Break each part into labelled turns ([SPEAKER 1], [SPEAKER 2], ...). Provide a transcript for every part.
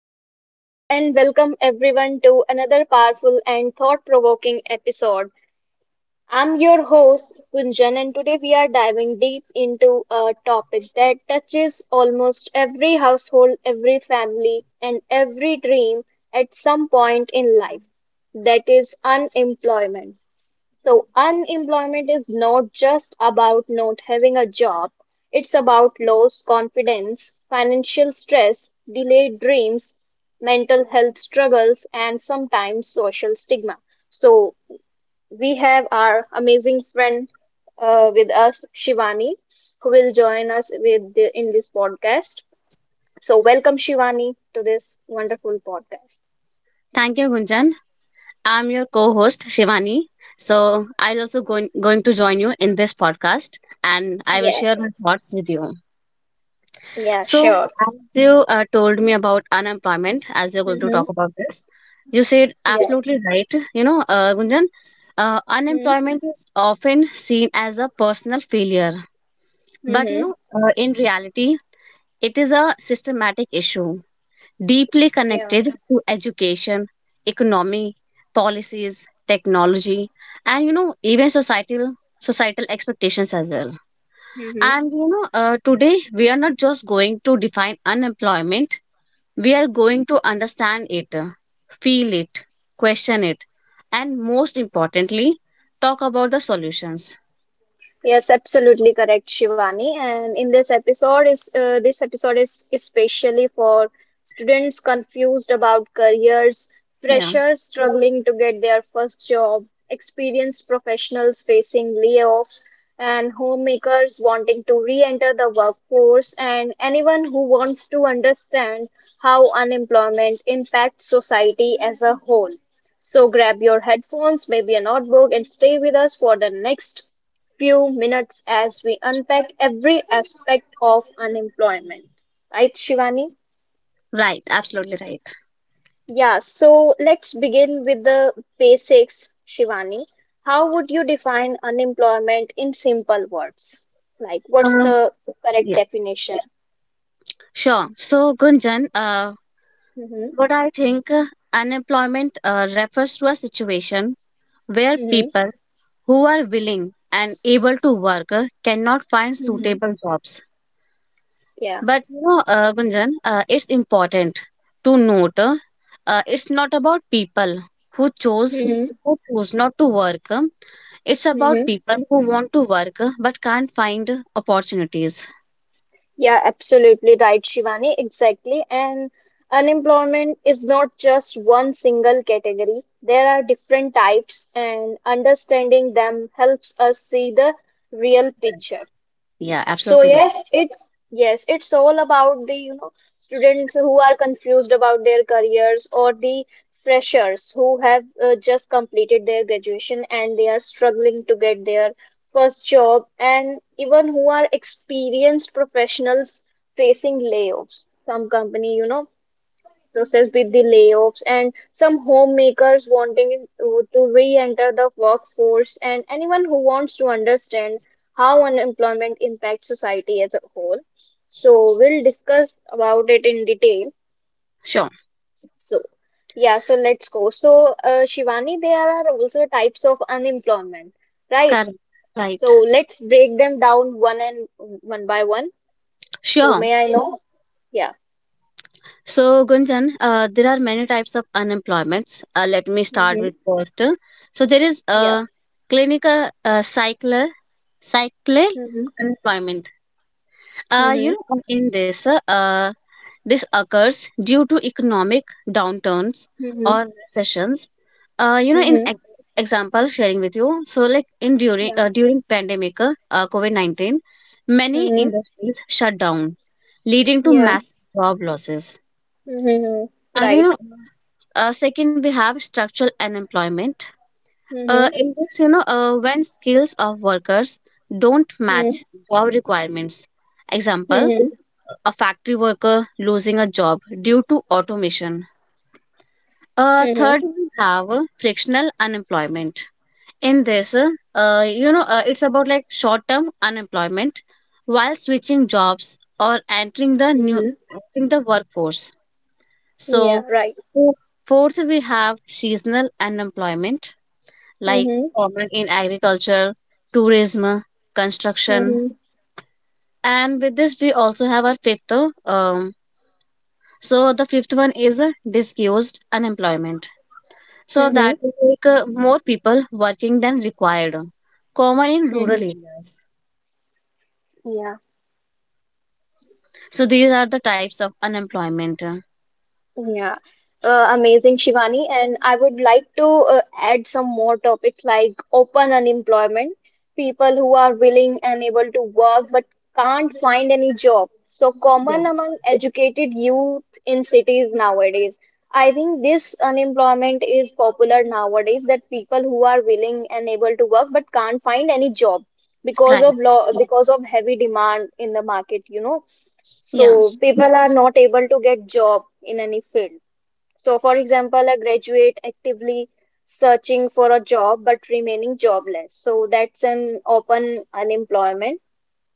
[SPEAKER 1] So, hello and welcome everyone to another powerful and thought provoking episode. I'm your host, Gunjan, and today we are diving deep into a topic that touches almost every household, every family, and every dream at some point in life, that is, unemployment. So, unemployment is not just about not having a job, it's about lost confidence, financial stress, delayed dreams, mental health struggles, and sometimes social stigma. So, we have our amazing friend with us, Shivani, who will join us with in this podcast. So, welcome, Shivani, to this wonderful podcast.
[SPEAKER 2] Thank you, Gunjan. I'm your co-host Shivani. So I'll also going to join you in this podcast, and I will
[SPEAKER 1] Yeah,
[SPEAKER 2] share my thoughts with you.
[SPEAKER 1] yeah,
[SPEAKER 2] So
[SPEAKER 1] sure.
[SPEAKER 2] as you told me about unemployment, as you're going to
[SPEAKER 1] Mm-hmm.
[SPEAKER 2] talk about this, you said absolutely right. You know, Gunjan,
[SPEAKER 1] Yeah.
[SPEAKER 2] unemployment is often seen as a personal failure, but you
[SPEAKER 1] Mm-hmm.
[SPEAKER 2] know, in reality, it is a systematic issue deeply connected to education, economy, policies, technology, and you know even societal expectations as well.
[SPEAKER 1] Yeah.
[SPEAKER 2] And you know today we are not just going to define unemployment; we are going to understand it, feel it, question it, and most importantly, talk about the solutions.
[SPEAKER 1] Yes, absolutely correct, Shivani. And in this episode is especially for students confused about careers,
[SPEAKER 2] Yeah,
[SPEAKER 1] freshers struggling to get their first job, experienced professionals facing layoffs, and homemakers wanting to re-enter the workforce, and anyone who wants to understand how unemployment impacts society as a whole. So grab your headphones, maybe a notebook, and stay with us for the next few minutes as we unpack every aspect of unemployment. Right, Shivani?
[SPEAKER 2] right. Absolutely right.
[SPEAKER 1] Yeah, so let's begin with the basics, Shivani. How would you define unemployment in simple words? Like, what's
[SPEAKER 2] Uh,
[SPEAKER 1] the correct
[SPEAKER 2] yeah,
[SPEAKER 1] definition?
[SPEAKER 2] sure. So Gunjan, uh,
[SPEAKER 1] Mm-hmm,
[SPEAKER 2] But I think unemployment refers to a situation where
[SPEAKER 1] mm-hmm,
[SPEAKER 2] people who are willing and able to work cannot find
[SPEAKER 1] mm-hmm,
[SPEAKER 2] suitable jobs.
[SPEAKER 1] yeah.
[SPEAKER 2] But you know, Gunjan, it's important to note it's not about people who chose
[SPEAKER 1] Mm-hmm.
[SPEAKER 2] who choose not to work. It's about people who want to work but can't find opportunities.
[SPEAKER 1] Yeah, absolutely right, Shivani. Exactly. And unemployment is not just one single category. There are different types, and understanding them helps us see the real picture.
[SPEAKER 2] Yeah,
[SPEAKER 1] So
[SPEAKER 2] absolutely right.
[SPEAKER 1] yes, it's all about the, you know, students who are confused about their careers, or the freshers who have just completed their graduation and they are struggling to get their first job, and even who are experienced professionals facing layoffs. Some company, you know, process with the layoffs, and some homemakers wanting to re-enter the workforce, and anyone who wants to understand how unemployment impacts society as a whole. So we'll discuss about it in detail.
[SPEAKER 2] Sure.
[SPEAKER 1] So yeah, so let's go. So Shivani, there are also types of unemployment, right?
[SPEAKER 2] Correct. Right.
[SPEAKER 1] So let's break them down one by one. So
[SPEAKER 2] Sure.
[SPEAKER 1] may I know? Yeah.
[SPEAKER 2] So, Gunjan, there are many types of unemployments. Let me start with
[SPEAKER 1] Mm-hmm.
[SPEAKER 2] first. So, there is
[SPEAKER 1] Yeah.
[SPEAKER 2] a clinical cycle
[SPEAKER 1] Mm-hmm.
[SPEAKER 2] unemployment.
[SPEAKER 1] Mm-hmm.
[SPEAKER 2] You know, in this, this occurs due to economic downturns
[SPEAKER 1] Mm-hmm.
[SPEAKER 2] or recessions. You know,
[SPEAKER 1] Mm-hmm.
[SPEAKER 2] example, sharing with you. So, like in during
[SPEAKER 1] Yeah.
[SPEAKER 2] uh, during pandemic, COVID -19, many
[SPEAKER 1] Mm-hmm.
[SPEAKER 2] industries shut down, leading to
[SPEAKER 1] Yeah.
[SPEAKER 2] massive job losses.
[SPEAKER 1] Mm-hmm.
[SPEAKER 2] And you
[SPEAKER 1] Right.
[SPEAKER 2] know, second, we have structural unemployment.
[SPEAKER 1] Mm-hmm.
[SPEAKER 2] In this, you know, when skills of workers don't
[SPEAKER 1] Mm-hmm.
[SPEAKER 2] match job requirements. Example,
[SPEAKER 1] Mm-hmm.
[SPEAKER 2] a factory worker losing a job due to automation. Third,
[SPEAKER 1] Mm-hmm.
[SPEAKER 2] we have frictional unemployment. In this, you know, it's about like short-term unemployment while switching jobs or
[SPEAKER 1] Mm-hmm.
[SPEAKER 2] entering the workforce.
[SPEAKER 1] Yeah.
[SPEAKER 2] So,
[SPEAKER 1] Right.
[SPEAKER 2] fourth, we have seasonal unemployment like
[SPEAKER 1] Mm-hmm.
[SPEAKER 2] common in agriculture, tourism, construction.
[SPEAKER 1] Mm-hmm.
[SPEAKER 2] And with this, we also have our fifth. Um, so the fifth one is disused unemployment. So
[SPEAKER 1] Mm-hmm.
[SPEAKER 2] that will more people working than required, common in
[SPEAKER 1] Mm-hmm.
[SPEAKER 2] rural areas.
[SPEAKER 1] Yeah.
[SPEAKER 2] So these are the types of unemployment.
[SPEAKER 1] Yeah, amazing, Shivani. And I would like to add some more topics like open unemployment, people who are willing and able to work but can't find any job. So
[SPEAKER 2] Yeah.
[SPEAKER 1] common among educated youth in cities nowadays. I think this unemployment is popular nowadays, that people who are willing and able to work but can't find any job because
[SPEAKER 2] Right.
[SPEAKER 1] of law, because of heavy demand in the market, you know.
[SPEAKER 2] Yeah.
[SPEAKER 1] So people are not able to get job in any field. So for example, a graduate actively searching for a job but remaining jobless. So that's an open unemployment.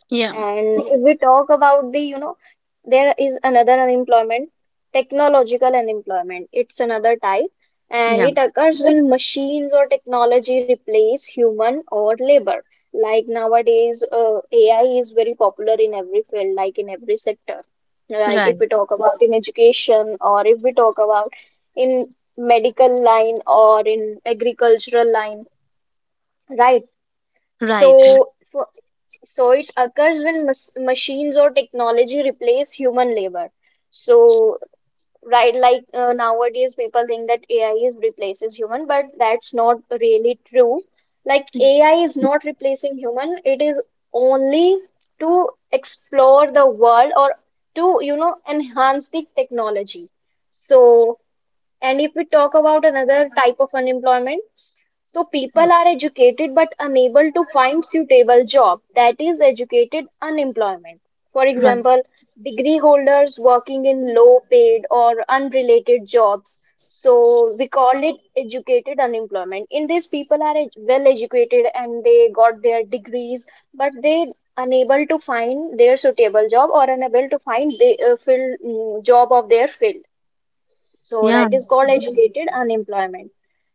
[SPEAKER 2] Yeah.
[SPEAKER 1] And if we talk about the, you know, there is another unemployment, technological unemployment. It's another type, and
[SPEAKER 2] Yeah.
[SPEAKER 1] it occurs when machines or technology replace human or labor. Like nowadays, AI is very popular in every field, like in every sector. Like if
[SPEAKER 2] Right.
[SPEAKER 1] we talk about in education, or if we talk about in medical line or in agricultural line, right?
[SPEAKER 2] Right.
[SPEAKER 1] So, for so it occurs when mas machines or technology replace human labor. So right, like nowadays people think that AI is replaces human, but that's not really true. Like AI is not replacing human. It is only to explore the world, or to, you know, enhance the technology. So, and if we talk about another type of unemployment, so people are educated but unable to find suitable job, that is educated unemployment. For
[SPEAKER 2] Right.
[SPEAKER 1] example, degree holders working in low paid or unrelated jobs. So we call it educated unemployment. In this people are well educated and they got their degrees, but they unable to find their suitable job, or unable to find the job of their field, so
[SPEAKER 2] Yeah.
[SPEAKER 1] that is called educated unemployment.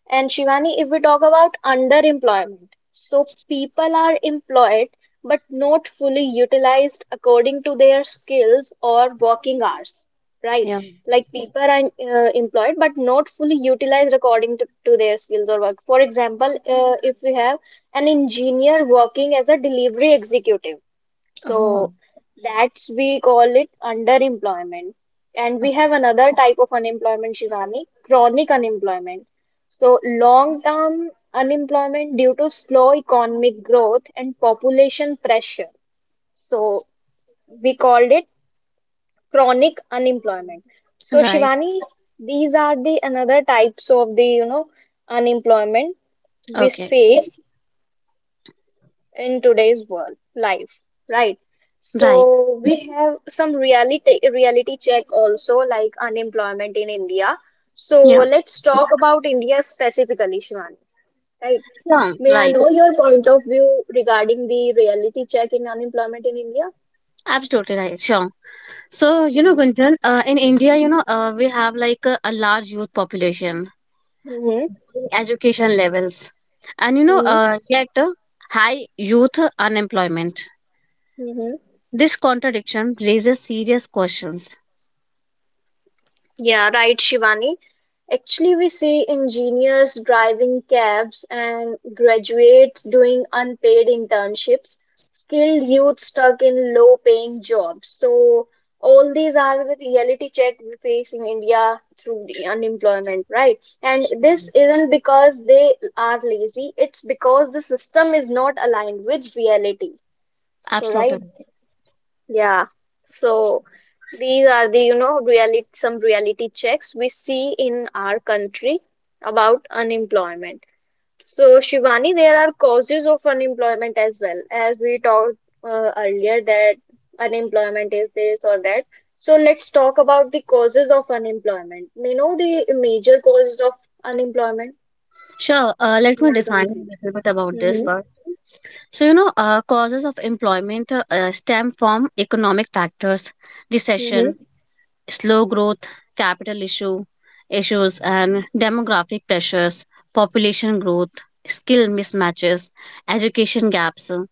[SPEAKER 1] And Shivani, if we talk about underemployment, so people are employed but not fully utilized according to their skills or working hours, right?
[SPEAKER 2] Yeah.
[SPEAKER 1] Like people are employed but not fully utilized according to their skills or work. For example, if we have an engineer working as a delivery executive,
[SPEAKER 2] Oh,
[SPEAKER 1] so that's we call it underemployment. And we have another type of unemployment, Shivani, chronic unemployment. So long-term unemployment due to slow economic growth and population pressure. So we called it chronic unemployment. So
[SPEAKER 2] right.
[SPEAKER 1] Shivani, these are the another types of the, you know, unemployment we
[SPEAKER 2] Okay.
[SPEAKER 1] face in today's world life, right? So
[SPEAKER 2] Right.
[SPEAKER 1] we have some reality check also, like unemployment in India. So
[SPEAKER 2] Yeah.
[SPEAKER 1] let's talk about India specifically, Shivani, right?
[SPEAKER 2] Yeah.
[SPEAKER 1] May I
[SPEAKER 2] Right.
[SPEAKER 1] know your point of view regarding the reality check in unemployment in India?
[SPEAKER 2] Absolutely right, sure. So, you know,
[SPEAKER 1] Mm-hmm.
[SPEAKER 2] Gunjan, in India, you know, we have like a large youth population,
[SPEAKER 1] Mm-hmm.
[SPEAKER 2] education levels, and you know,
[SPEAKER 1] Mm-hmm.
[SPEAKER 2] yet high youth unemployment.
[SPEAKER 1] Mm-hmm.
[SPEAKER 2] This contradiction raises serious questions.
[SPEAKER 1] Yeah, right, Shivani. Actually, we see engineers driving cabs and graduates doing unpaid internships, skilled youth stuck in low-paying jobs. So, all these are the reality check we face in India through the unemployment, right? And this isn't because they are lazy, it's because the system is not aligned with reality,
[SPEAKER 2] Absolutely
[SPEAKER 1] right?
[SPEAKER 2] right.
[SPEAKER 1] Yeah. So these are the, you know, reality, some reality checks we see in our country about unemployment. So Shivani, there are causes of unemployment as well, as we talked earlier, that unemployment is this or that. So let's talk about the causes of unemployment. You know the major causes of unemployment
[SPEAKER 2] Sure, let
[SPEAKER 1] in
[SPEAKER 2] me
[SPEAKER 1] our
[SPEAKER 2] define a
[SPEAKER 1] country.
[SPEAKER 2] little bit about this
[SPEAKER 1] Mm-hmm.
[SPEAKER 2] part. So, you know, causes of employment stem from economic factors, recession,
[SPEAKER 1] Mm-hmm.
[SPEAKER 2] slow growth, capital issue issues and demographic pressures, population growth, skill mismatches, education gaps,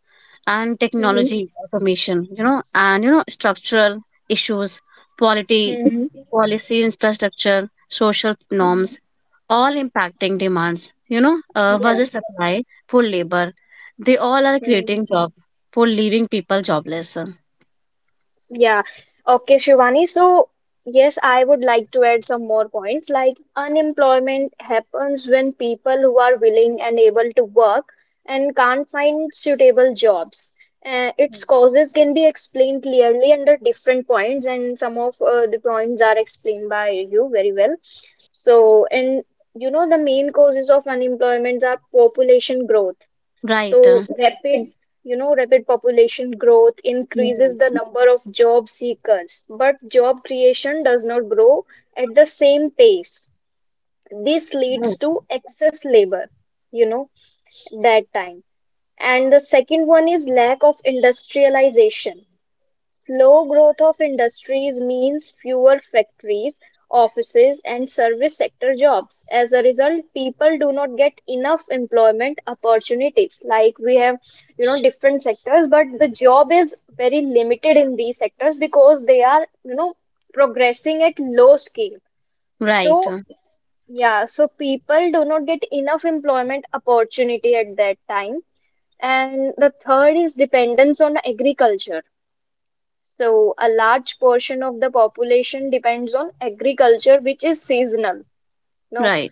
[SPEAKER 2] and
[SPEAKER 1] Mm-hmm.
[SPEAKER 2] technology automation, you know, and you know, structural issues, polity,
[SPEAKER 1] Mm-hmm.
[SPEAKER 2] policy infrastructure, social
[SPEAKER 1] Mm-hmm.
[SPEAKER 2] norms, all impacting demands, you know,
[SPEAKER 1] Yeah.
[SPEAKER 2] versus supply for labor. They all are
[SPEAKER 1] Mm-hmm.
[SPEAKER 2] creating job for leaving people jobless.
[SPEAKER 1] Yeah. Okay, Shivani. So, yes, I would like to add some more points. Like, unemployment happens when people who are willing and able to work and can't find suitable jobs. Its causes can be explained clearly under different points, and some of the points are explained by you very well. So, and you know, the main causes of unemployment are population growth,
[SPEAKER 2] Right.
[SPEAKER 1] so rapid, you know, rapid population growth
[SPEAKER 2] Yeah.
[SPEAKER 1] increases the number of job seekers, but job creation does not grow at the same pace. This leads to excess labor, you know, that time. And the second one is lack of industrialization. Slow growth of industries means fewer factories, offices, and service sector jobs. As a result, people do not get enough employment opportunities. Like we have, you know, different sectors, but the job is very limited in these sectors because they are, you know, progressing at low scale.
[SPEAKER 2] Right.
[SPEAKER 1] So, yeah, so people do not get enough employment opportunity at that time. And the third is dependence on agriculture. So, a large portion of the population depends on agriculture, which is seasonal. No,
[SPEAKER 2] Right.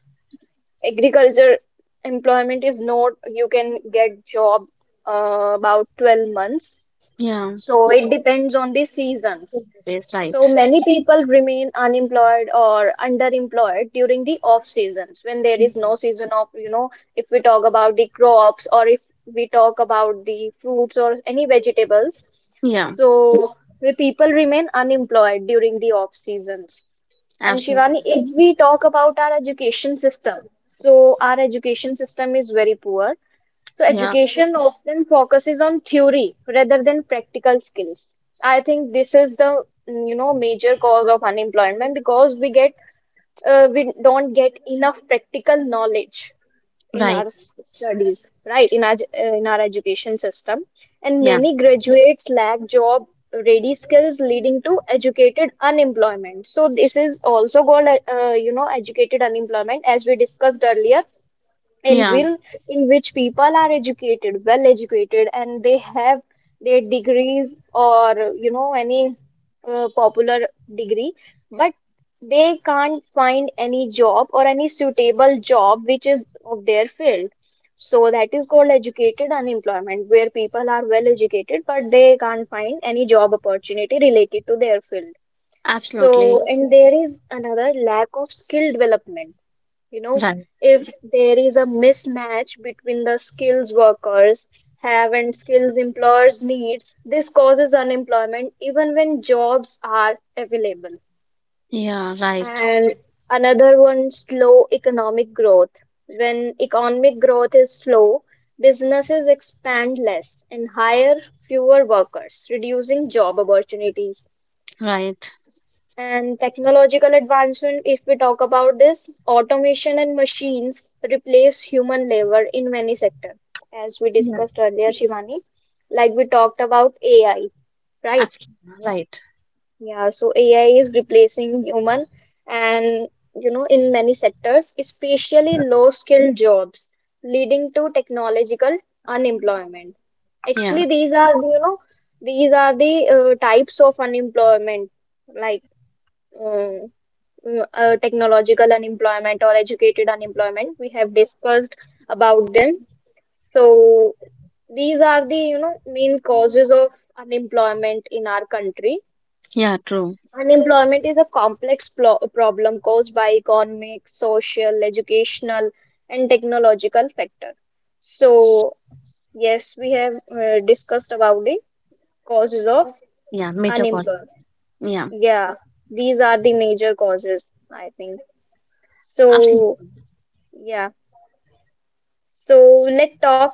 [SPEAKER 1] agriculture employment is not, you can get job about 12 months.
[SPEAKER 2] Yeah,
[SPEAKER 1] So, it depends on the seasons.
[SPEAKER 2] ways,
[SPEAKER 1] So
[SPEAKER 2] right.
[SPEAKER 1] many people remain unemployed or underemployed during the off seasons when there is
[SPEAKER 2] Mm.
[SPEAKER 1] no season of, you know, if we talk about the crops, or if we talk about the fruits or any vegetables.
[SPEAKER 2] Yeah,
[SPEAKER 1] So the people remain unemployed during the off seasons. And
[SPEAKER 2] absolutely.
[SPEAKER 1] Shivani, if we talk about our education system, so our education system is very poor. So
[SPEAKER 2] Yeah,
[SPEAKER 1] education often focuses on theory rather than practical skills. I think this is the you know major cause of unemployment, because we get we don't get enough practical knowledge in
[SPEAKER 2] right.
[SPEAKER 1] our studies, right? In our in our education system, and
[SPEAKER 2] Yeah,
[SPEAKER 1] many graduates lack job ready skills, leading to educated unemployment. So this is also called you know, educated unemployment, as we discussed earlier in
[SPEAKER 2] yeah,
[SPEAKER 1] will in which people are educated well educated and they have their degrees, or you know, any popular degree, but they can't find any job or any suitable job which is of their field, so that is called educated unemployment, where people are well educated but they can't find any job opportunity related to their field.
[SPEAKER 2] absolutely.
[SPEAKER 1] So, and there is another, lack of skill development, you know,
[SPEAKER 2] Right.
[SPEAKER 1] if there is a mismatch between the skills workers have and skills employers needs, this causes unemployment even when jobs are available.
[SPEAKER 2] Yeah, right.
[SPEAKER 1] And another one, slow economic growth, when economic growth is slow, businesses expand less and hire fewer workers, reducing job opportunities.
[SPEAKER 2] Right.
[SPEAKER 1] And technological advancement, if we talk about this, automation and machines replace human labor in many sectors, as we
[SPEAKER 2] Yeah,
[SPEAKER 1] discussed earlier, Shivani. Like we talked about AI, right?
[SPEAKER 2] absolutely. Right.
[SPEAKER 1] Yeah, so AI is replacing human, and you know in many sectors, especially low-skilled jobs, leading to technological unemployment.
[SPEAKER 2] Yeah,
[SPEAKER 1] Actually, these are, you know, these are the types of unemployment, like, uh, technological unemployment or educated unemployment. We have discussed about them. So these are the you know main causes of unemployment in our country.
[SPEAKER 2] yeah, true.
[SPEAKER 1] Unemployment is a complex problem caused by economic, social, educational, and technological factor. So yes, we have discussed about the causes of
[SPEAKER 2] Yeah, major problem.
[SPEAKER 1] unemployment.
[SPEAKER 2] Yeah,
[SPEAKER 1] Yeah, these are the major causes, I think. So
[SPEAKER 2] absolutely.
[SPEAKER 1] yeah. So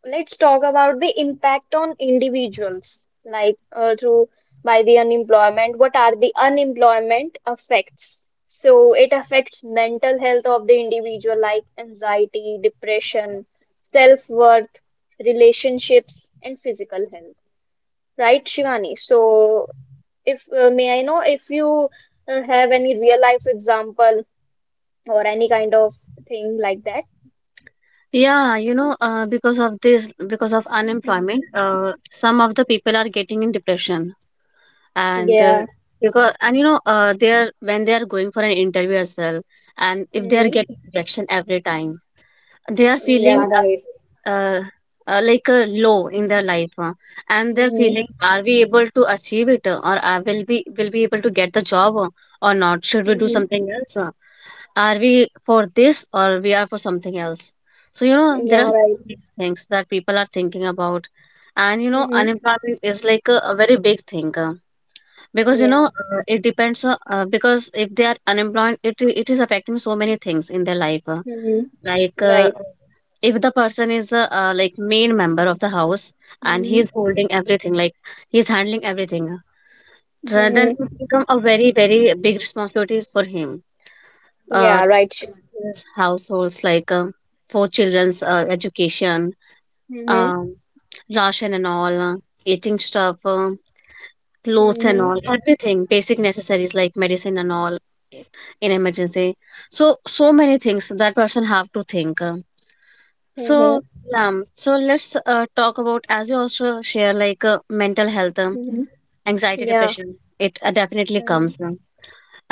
[SPEAKER 1] let's talk about the impact on individuals, like through by the unemployment. What are the unemployment affects? So it affects mental health of the individual, like anxiety, depression, self-worth, relationships, and physical health. Right, Shivani? So if may I know if you have any real life example or any kind of thing like that?
[SPEAKER 2] Yeah, you know, because of this, because of unemployment,
[SPEAKER 1] Hmm.
[SPEAKER 2] some of the people are getting in depression. And
[SPEAKER 1] Yeah.
[SPEAKER 2] because and you know they are when they are going for an interview as well, and if they are getting rejection every time, they are feeling
[SPEAKER 1] Yeah, right.
[SPEAKER 2] like a low in their life, and they're
[SPEAKER 1] Mm-hmm.
[SPEAKER 2] feeling, are we able to achieve it, or I will be able to get the job, or not, should we do
[SPEAKER 1] Mm-hmm.
[SPEAKER 2] something else, are we for this or we are for something else? So you know
[SPEAKER 1] Yeah,
[SPEAKER 2] there are so
[SPEAKER 1] right.
[SPEAKER 2] many things that people are thinking about. And you know
[SPEAKER 1] Mm-hmm.
[SPEAKER 2] unemployment is like a very big thing, because you know,
[SPEAKER 1] Yeah.
[SPEAKER 2] it depends, because if they are unemployed, it is affecting so many things in their life, uh, like
[SPEAKER 1] Mm-hmm.
[SPEAKER 2] uh,
[SPEAKER 1] Right.
[SPEAKER 2] if the person is like main member of the house and
[SPEAKER 1] Mm-hmm.
[SPEAKER 2] he's holding everything, like he's handling everything, so then
[SPEAKER 1] Mm-hmm.
[SPEAKER 2] it become a very very big responsibility for him, uh
[SPEAKER 1] Yeah, right.
[SPEAKER 2] his households, like for children's education,
[SPEAKER 1] Mm-hmm.
[SPEAKER 2] um ration and all, eating stuff, clothes and
[SPEAKER 1] Mm-hmm.
[SPEAKER 2] all, everything basic necessaries like medicine and all in emergency. So so many things that person have to think So
[SPEAKER 1] Mm-hmm.
[SPEAKER 2] so let's talk about, as you also share, like mental health,
[SPEAKER 1] Mm-hmm.
[SPEAKER 2] anxiety,
[SPEAKER 1] Yeah.
[SPEAKER 2] depression, it definitely comes.
[SPEAKER 1] Mm-hmm.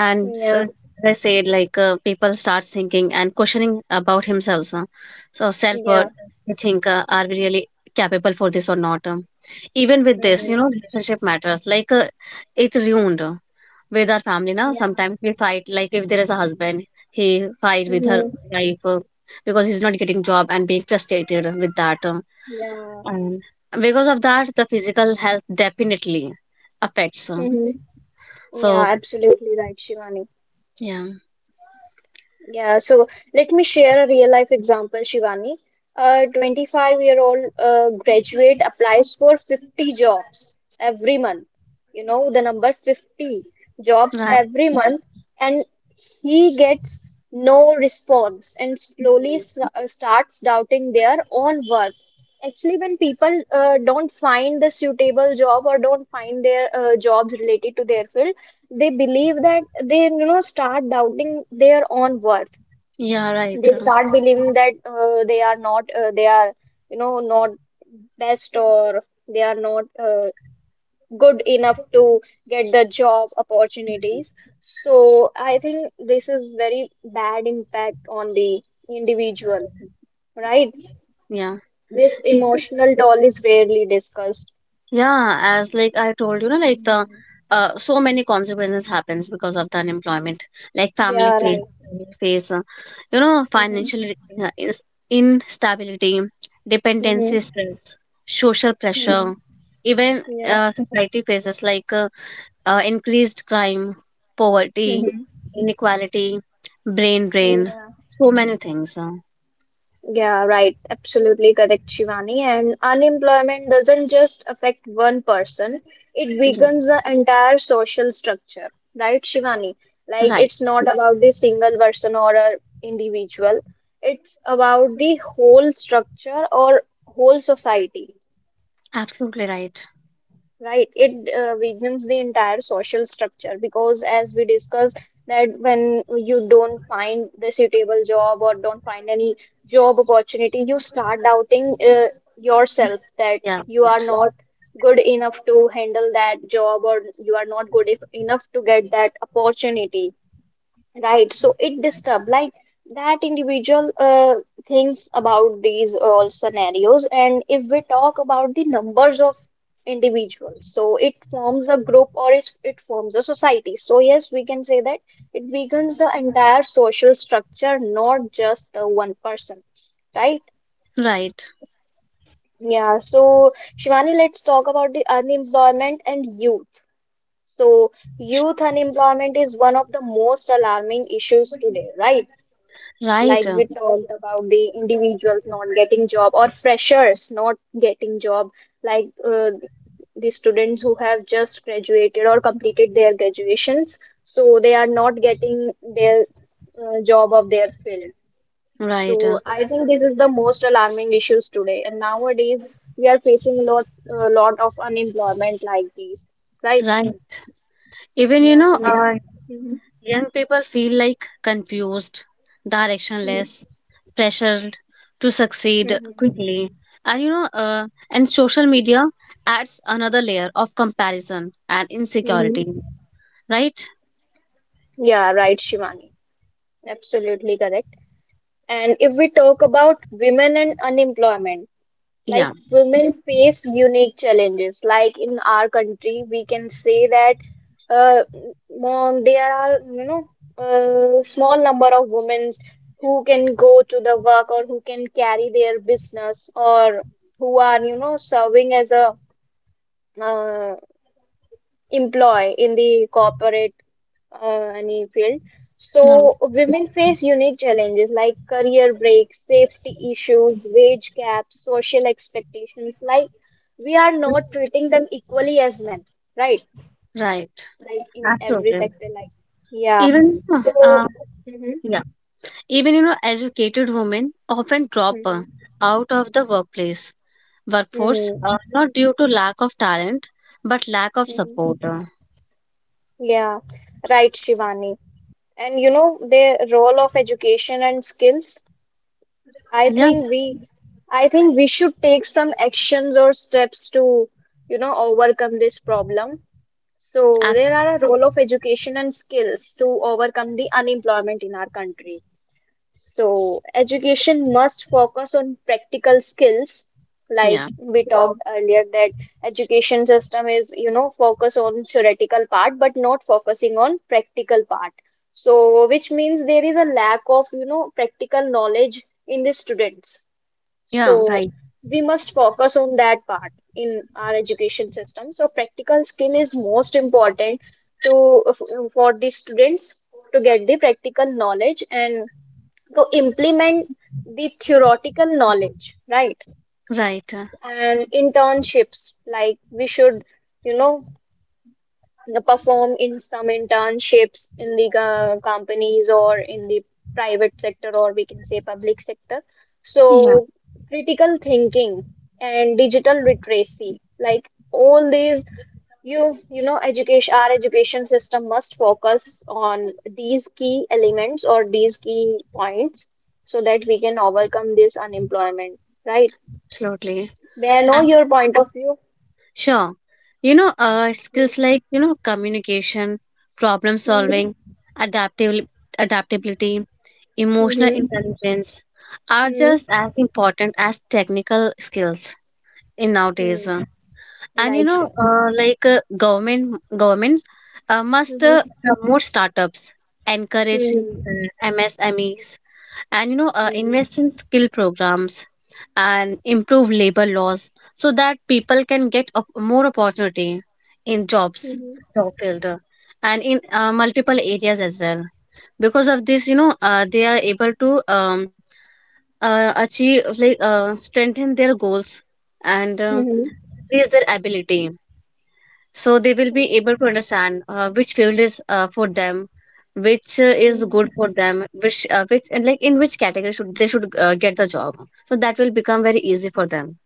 [SPEAKER 2] And so
[SPEAKER 1] Yeah.
[SPEAKER 2] as I said, like, people start thinking and questioning about himself, so self-worth.
[SPEAKER 1] Yeah.
[SPEAKER 2] They think are we really capable for this or not. Even with this you
[SPEAKER 1] Mm-hmm.
[SPEAKER 2] know relationship matters, like it's ruined with our family. Now
[SPEAKER 1] Yeah.
[SPEAKER 2] sometimes we fight, like if there is a husband, he fight with her
[SPEAKER 1] Mm-hmm.
[SPEAKER 2] wife, because he's not getting job and being frustrated with that,
[SPEAKER 1] Yeah.
[SPEAKER 2] and because of that, the physical health definitely affects
[SPEAKER 1] Mm-hmm.
[SPEAKER 2] so
[SPEAKER 1] Yeah, absolutely right, Shivani.
[SPEAKER 2] yeah,
[SPEAKER 1] Yeah, so let me share a real life example, Shivani. A 25-year-old graduate applies for 50 jobs every month. You know, the number 50 jobs
[SPEAKER 2] right.
[SPEAKER 1] every month, and he gets no response and slowly
[SPEAKER 2] Mm.
[SPEAKER 1] starts doubting their own worth. Actually, when people don't find the suitable job or don't find their jobs related to their field, they believe that they, you know, start doubting their own worth.
[SPEAKER 2] Yeah, right.
[SPEAKER 1] They start believing that they are not they are, you know, not best or they are not good enough to get the job opportunities. So I think this is very bad impact on the individual, right?
[SPEAKER 2] Yeah.
[SPEAKER 1] This emotional toll is rarely discussed.
[SPEAKER 2] Yeah, as like I told you, know, like the so many consequences happens because of the unemployment, like
[SPEAKER 1] Yeah, right.
[SPEAKER 2] face, you know, financial
[SPEAKER 1] Mm-hmm.
[SPEAKER 2] uh, is- instability, dependency stress, social
[SPEAKER 1] Mm-hmm.
[SPEAKER 2] pressure, even
[SPEAKER 1] Yeah.
[SPEAKER 2] society faces like increased crime, poverty,
[SPEAKER 1] Mm-hmm.
[SPEAKER 2] inequality, brain drain,
[SPEAKER 1] Yeah.
[SPEAKER 2] so many things.
[SPEAKER 1] Yeah, right. Absolutely correct, Shivani. And unemployment doesn't just affect one person, it
[SPEAKER 2] Yeah.
[SPEAKER 1] weakens the entire social structure, right, Shivani? Like,
[SPEAKER 2] Right,
[SPEAKER 1] it's not about the single person or a individual, it's about the whole structure or whole society.
[SPEAKER 2] absolutely right.
[SPEAKER 1] Right, it weakens the entire social structure because, as we discussed, that when you don't find the suitable job or don't find any job opportunity, you start doubting yourself that
[SPEAKER 2] Yeah,
[SPEAKER 1] you are
[SPEAKER 2] right,
[SPEAKER 1] not good enough to handle that job or you are not good if, enough to get that opportunity. Right, so it disturbs like that individual thinks about these all scenarios, and if we talk about the numbers of individuals, so it forms a group or is it forms a society. So yes, we can say that it weakens the entire social structure, not just the one person, right?
[SPEAKER 2] right,
[SPEAKER 1] Yeah, so Shivani, let's talk about the unemployment and youth. So youth unemployment is one of the most alarming issues today, right? Like
[SPEAKER 2] right.
[SPEAKER 1] we talked about the individuals not getting job or freshers not getting job, like the students who have just graduated or completed their graduations, so they are not getting their job of their field. So
[SPEAKER 2] Right,
[SPEAKER 1] I think this is the most alarming issues today, and nowadays we are facing lot of unemployment like these, right?
[SPEAKER 2] right. Even you
[SPEAKER 1] Yeah,
[SPEAKER 2] know,
[SPEAKER 1] so ma'am. Mhm.
[SPEAKER 2] young people feel like confused,
[SPEAKER 1] Mhm.
[SPEAKER 2] directionless, pressured to succeed
[SPEAKER 1] Mhm.
[SPEAKER 2] quickly. And you know, and social media adds another layer of comparison and
[SPEAKER 1] Mhm.
[SPEAKER 2] insecurity. Right?
[SPEAKER 1] Yeah, right, Shivani, absolutely correct. And if we talk about women and unemployment,
[SPEAKER 2] Yeah.
[SPEAKER 1] like women face unique challenges. Like in our country, we can say that uh, mom, there are, you know, a small number of women who can go to the work or who can carry their business or who are, you know, serving as a uh, employee in the corporate any field.
[SPEAKER 2] Right.
[SPEAKER 1] So women face unique challenges like career breaks, safety issues, wage gaps, social expectations. Like we are not treating them equally as men, right?
[SPEAKER 2] Right.
[SPEAKER 1] Like in every
[SPEAKER 2] Absolutely.
[SPEAKER 1] sector, like yeah.
[SPEAKER 2] Even uh,
[SPEAKER 1] So hmm.
[SPEAKER 2] yeah, even you know, educated women often drop
[SPEAKER 1] Hmm.
[SPEAKER 2] out of the workplace workforce,
[SPEAKER 1] Hmm.
[SPEAKER 2] not due to lack of talent, but lack of
[SPEAKER 1] Hmm.
[SPEAKER 2] support.
[SPEAKER 1] Yeah, right, Shivani. And you know the role of education and skills. I
[SPEAKER 2] Yeah,
[SPEAKER 1] think we I think we should take some actions or steps to, you know, overcome this problem. So there
[SPEAKER 2] ab-
[SPEAKER 1] are a role of education and skills to overcome the unemployment in our country. So education must focus on practical skills, like
[SPEAKER 2] yeah,
[SPEAKER 1] we talked earlier that education system is, you know, focus on theoretical part but not focusing on practical part. So which means there is a lack of, you know, practical knowledge in the students.
[SPEAKER 2] yeah,
[SPEAKER 1] So
[SPEAKER 2] right,
[SPEAKER 1] we must focus on that part in our education system. So practical skill is most important to for the students to get the practical knowledge and to implement the theoretical knowledge, right?
[SPEAKER 2] right.
[SPEAKER 1] And internships, like we should, you know, perform in some internships in the companies or in the private sector, or we can say public sector.
[SPEAKER 2] Yeah,
[SPEAKER 1] So critical thinking and digital literacy, like all these you know education, our education system must focus on these key elements or these key points so that we can overcome this unemployment, right?
[SPEAKER 2] absolutely.
[SPEAKER 1] May I know
[SPEAKER 2] And
[SPEAKER 1] your point of view?
[SPEAKER 2] sure, you know, skills
[SPEAKER 1] Yeah.
[SPEAKER 2] like you know communication, problem
[SPEAKER 1] Mm-hmm.
[SPEAKER 2] solving, adaptability, adaptability, emotional
[SPEAKER 1] Mm-hmm.
[SPEAKER 2] intelligence are just as important as technical skills in nowadays.
[SPEAKER 1] Hmm.
[SPEAKER 2] And you
[SPEAKER 1] Right,
[SPEAKER 2] know
[SPEAKER 1] sure.
[SPEAKER 2] like government governments must
[SPEAKER 1] Mhm.
[SPEAKER 2] promote startups, encourage
[SPEAKER 1] Mhm.
[SPEAKER 2] msmes, and you know invest in skill programs, and improve labor laws so that people can get more opportunity in jobs,
[SPEAKER 1] Mhm.
[SPEAKER 2] job field, and in multiple areas as well. Because of this you know they are able to achieve, like strengthen their goals, and
[SPEAKER 1] Mhm.
[SPEAKER 2] increase their ability, so they will be able to understand which field is for them, which is good for them, which and like in which category should they should get the job, so that will become very easy for them.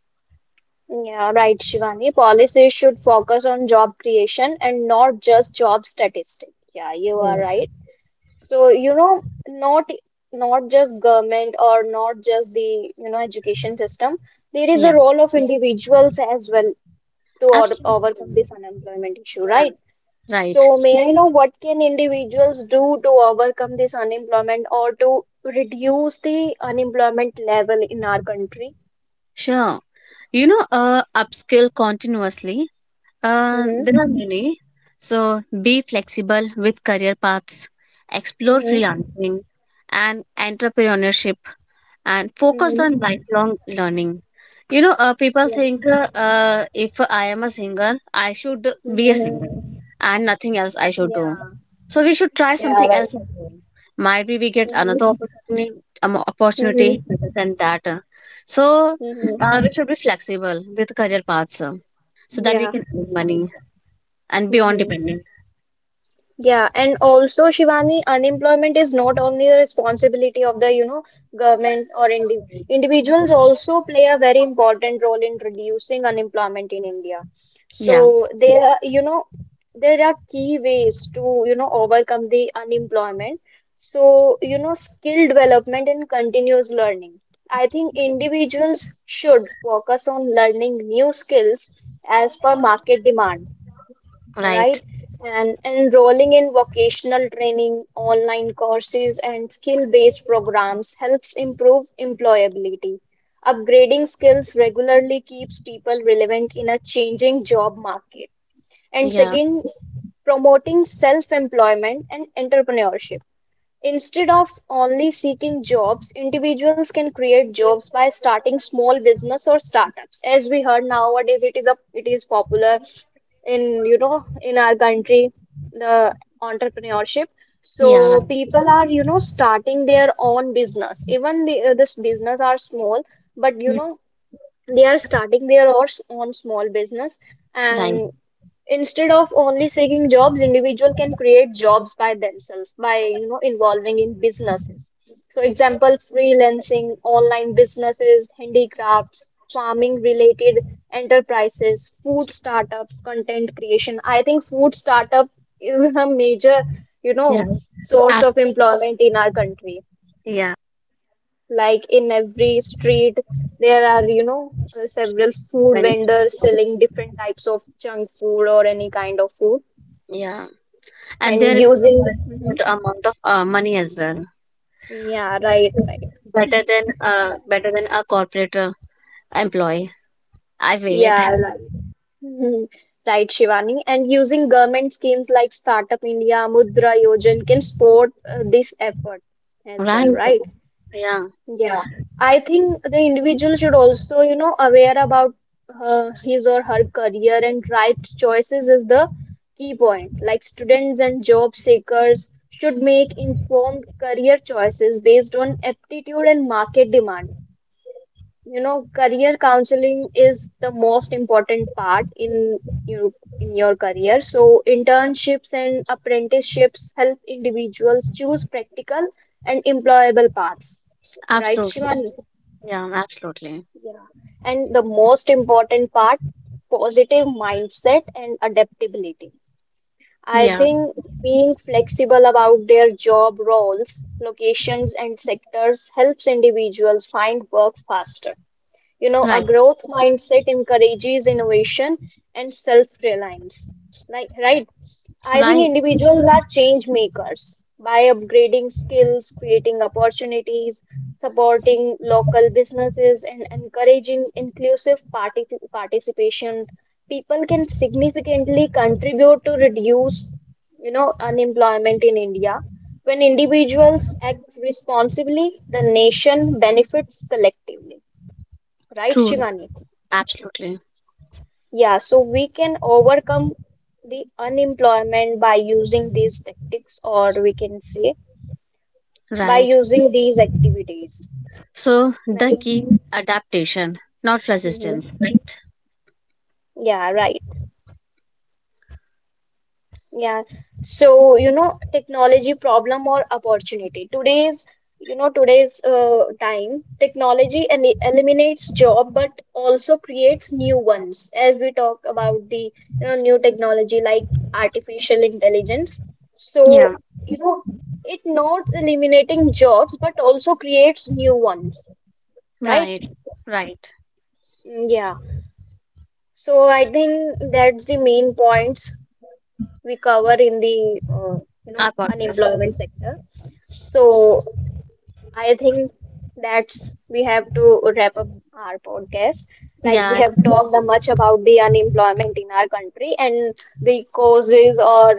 [SPEAKER 1] Yeah, right, Shivani. Policies should focus on job creation and not just job statistics. Yeah, you are right. So, you know, not not just government or not just the, you know, education system. There is a
[SPEAKER 2] Yeah,
[SPEAKER 1] role of individuals as well to overcome
[SPEAKER 2] absolutely.
[SPEAKER 1] this unemployment issue,
[SPEAKER 2] Yeah,
[SPEAKER 1] right?
[SPEAKER 2] right.
[SPEAKER 1] So, may I know what can individuals do to overcome this unemployment or to reduce the unemployment level in our country?
[SPEAKER 2] Sure, you know, upskill continuously. There
[SPEAKER 1] Mm-hmm.
[SPEAKER 2] are many. So be flexible with career paths, explore
[SPEAKER 1] Mm-hmm.
[SPEAKER 2] freelancing and entrepreneurship, and focus on
[SPEAKER 1] Mm-hmm.
[SPEAKER 2] lifelong learning. You know, people
[SPEAKER 1] Yeah.
[SPEAKER 2] think if I am a singer, I should be a singer
[SPEAKER 1] Mm-hmm.
[SPEAKER 2] and nothing else I should do.
[SPEAKER 1] Yeah.
[SPEAKER 2] So we should try
[SPEAKER 1] Yeah.
[SPEAKER 2] something
[SPEAKER 1] Right.
[SPEAKER 2] else as well. Might be we get
[SPEAKER 1] Mm-hmm.
[SPEAKER 2] another opportunity, opportunity
[SPEAKER 1] Mm-hmm.
[SPEAKER 2] better than that. So
[SPEAKER 1] Mm-hmm.
[SPEAKER 2] we should be flexible with career paths so that we
[SPEAKER 1] Yeah.
[SPEAKER 2] can earn
[SPEAKER 1] Right.
[SPEAKER 2] money and be on
[SPEAKER 1] Mm-hmm.
[SPEAKER 2] dependent.
[SPEAKER 1] Yeah, and also Shivani, unemployment is not only the responsibility of the, you know, government or individuals also play a very important role in reducing unemployment in India.
[SPEAKER 2] Yeah,
[SPEAKER 1] So there are, you know, there are key ways to, you know, overcome the unemployment. So, you know, skill development and continuous learning. I think individuals should focus on learning new skills as per market demand,
[SPEAKER 2] right.
[SPEAKER 1] right? And enrolling in vocational training, online courses, and skill-based programs helps improve employability. Upgrading skills regularly keeps people relevant in a changing job market. And
[SPEAKER 2] Yeah,
[SPEAKER 1] second, promoting self-employment and entrepreneurship. Instead of only seeking jobs, individuals can create jobs by starting small business or startups. As we heard nowadays, it is popular in, you know, in our country, the entrepreneurship.
[SPEAKER 2] yeah, right.
[SPEAKER 1] So people are, you know, starting their own business. Even the this business are small, but you
[SPEAKER 2] Mm,
[SPEAKER 1] know they are starting their own small business.
[SPEAKER 2] right,
[SPEAKER 1] And instead of only seeking jobs, individual can create jobs by themselves by, you know, involving in businesses. So example freelancing, online businesses, handicrafts, farming related enterprises, food startups, content creation. I think food startup is a major, you know,
[SPEAKER 2] right.
[SPEAKER 1] source of employment in our country.
[SPEAKER 2] Yeah,
[SPEAKER 1] Like in every street, there are, you know, several food
[SPEAKER 2] many.
[SPEAKER 1] vendors selling different types of junk food or any kind of food
[SPEAKER 2] Yeah, and
[SPEAKER 1] and
[SPEAKER 2] there is
[SPEAKER 1] using.
[SPEAKER 2] a
[SPEAKER 1] Mhm.
[SPEAKER 2] good amount of money as well.
[SPEAKER 1] Yeah, right, right. Right.
[SPEAKER 2] Better than a corporate employee. I feel it.
[SPEAKER 1] Yeah, right. Mhm. Right, Shivani, and using government schemes like Startup India Mudra Yojan can support this effort as well,
[SPEAKER 2] Right.
[SPEAKER 1] right?
[SPEAKER 2] Yeah,
[SPEAKER 1] Yeah, I think the individual should also, you know, aware about his or her career, and right choices is the key point. Like students and job seekers should make informed career choices based on aptitude and market demand. You know, career counseling is the most important part in you in your career. So internships and apprenticeships help individuals choose practical and employable paths, right,
[SPEAKER 2] absolutely.
[SPEAKER 1] Shivani?
[SPEAKER 2] Yeah, absolutely.
[SPEAKER 1] Yeah, and the most important part, positive mindset and adaptability. I
[SPEAKER 2] Yeah,
[SPEAKER 1] think being flexible about their job roles, locations and sectors helps individuals find work faster. You know, a
[SPEAKER 2] right,
[SPEAKER 1] growth mindset encourages innovation and self-reliance. Like, right? I think
[SPEAKER 2] right.
[SPEAKER 1] individuals are change makers by upgrading skills, creating opportunities, supporting local businesses, and encouraging inclusive participation. People can significantly contribute to reduce, you know, unemployment in India. When individuals act responsibly, the nation benefits collectively. Right,
[SPEAKER 2] True.
[SPEAKER 1] Shivani?
[SPEAKER 2] Absolutely.
[SPEAKER 1] Yeah, so we can overcome the unemployment by using these tactics, or we can say by
[SPEAKER 2] Right.
[SPEAKER 1] using these activities.
[SPEAKER 2] So the
[SPEAKER 1] Right?
[SPEAKER 2] key adaptation, not
[SPEAKER 1] Mhm.
[SPEAKER 2] resistance, right?
[SPEAKER 1] Yeah, right. Yeah. So, you know, technology problem or opportunity. Today's time, technology and eliminates job but also creates new ones. As we talked about the, you know, new technology like artificial intelligence. So,
[SPEAKER 2] Yeah.
[SPEAKER 1] you know, it not eliminating jobs but also creates new ones, right?
[SPEAKER 2] Right, right.
[SPEAKER 1] Mm, yeah. So I think that's the main points we cover in the, you
[SPEAKER 2] I
[SPEAKER 1] know,
[SPEAKER 2] got this.
[SPEAKER 1] unemployment sector. So I think that's we have to wrap up our podcast. Like we
[SPEAKER 2] Yeah,
[SPEAKER 1] have talked a much about the unemployment in our country and the causes, or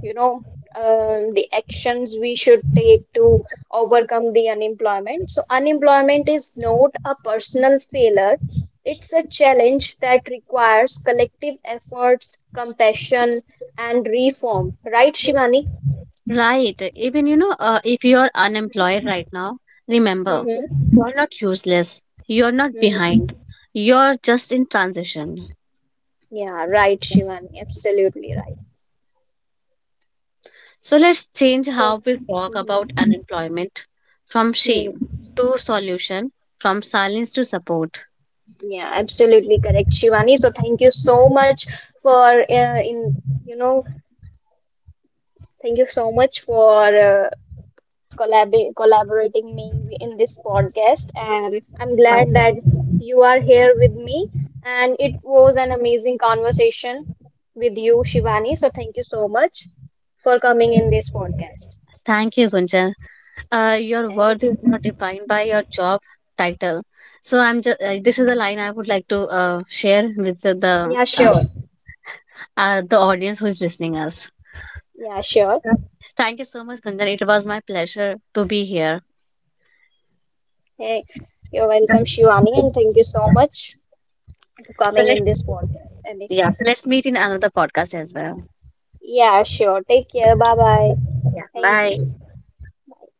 [SPEAKER 1] you know, the actions we should take to overcome the unemployment. So unemployment is not a personal failure. It's a challenge that requires collective efforts, compassion, and reform. Right, Shivani?
[SPEAKER 2] right. Even you know, if you're unemployed right now, remember,
[SPEAKER 1] Mm-hmm.
[SPEAKER 2] you're not useless. You're not
[SPEAKER 1] Mm-hmm.
[SPEAKER 2] behind. You're just in transition.
[SPEAKER 1] Yeah, right, Shivani, absolutely right.
[SPEAKER 2] So let's change
[SPEAKER 1] So,
[SPEAKER 2] how we talk
[SPEAKER 1] mhm,
[SPEAKER 2] about unemployment, from
[SPEAKER 1] mhm.
[SPEAKER 2] shame to solution, from silence to support.
[SPEAKER 1] Yeah, absolutely correct, Shivani. So, thank you so much for in you know, thank you so much for collaborating me in this podcast, and I'm
[SPEAKER 2] My
[SPEAKER 1] glad that
[SPEAKER 2] turn.
[SPEAKER 1] you are here with me. And it was an amazing conversation with you, Shivani. So, thank you so much for coming in this podcast.
[SPEAKER 2] Thank you, Gunjan. Your
[SPEAKER 1] Thank
[SPEAKER 2] worth
[SPEAKER 1] you.
[SPEAKER 2] is not defined by your job title. So I'm just this is a line I would like to share with
[SPEAKER 1] Yeah, sure.
[SPEAKER 2] the audience who is listening us.
[SPEAKER 1] Yeah, sure.
[SPEAKER 2] Sure. Thank you so much, Gunjan. It was my pleasure to be here.
[SPEAKER 1] Hey, you're welcome,
[SPEAKER 2] Sure.
[SPEAKER 1] Shivani, and thank you so much for
[SPEAKER 2] So
[SPEAKER 1] coming
[SPEAKER 2] let
[SPEAKER 1] in this podcast. And
[SPEAKER 2] yeah, so let's meet in another podcast as well.
[SPEAKER 1] yeah, sure. Take care. Bye bye.
[SPEAKER 2] Yeah,
[SPEAKER 1] Thank
[SPEAKER 2] bye.
[SPEAKER 1] you. Bye.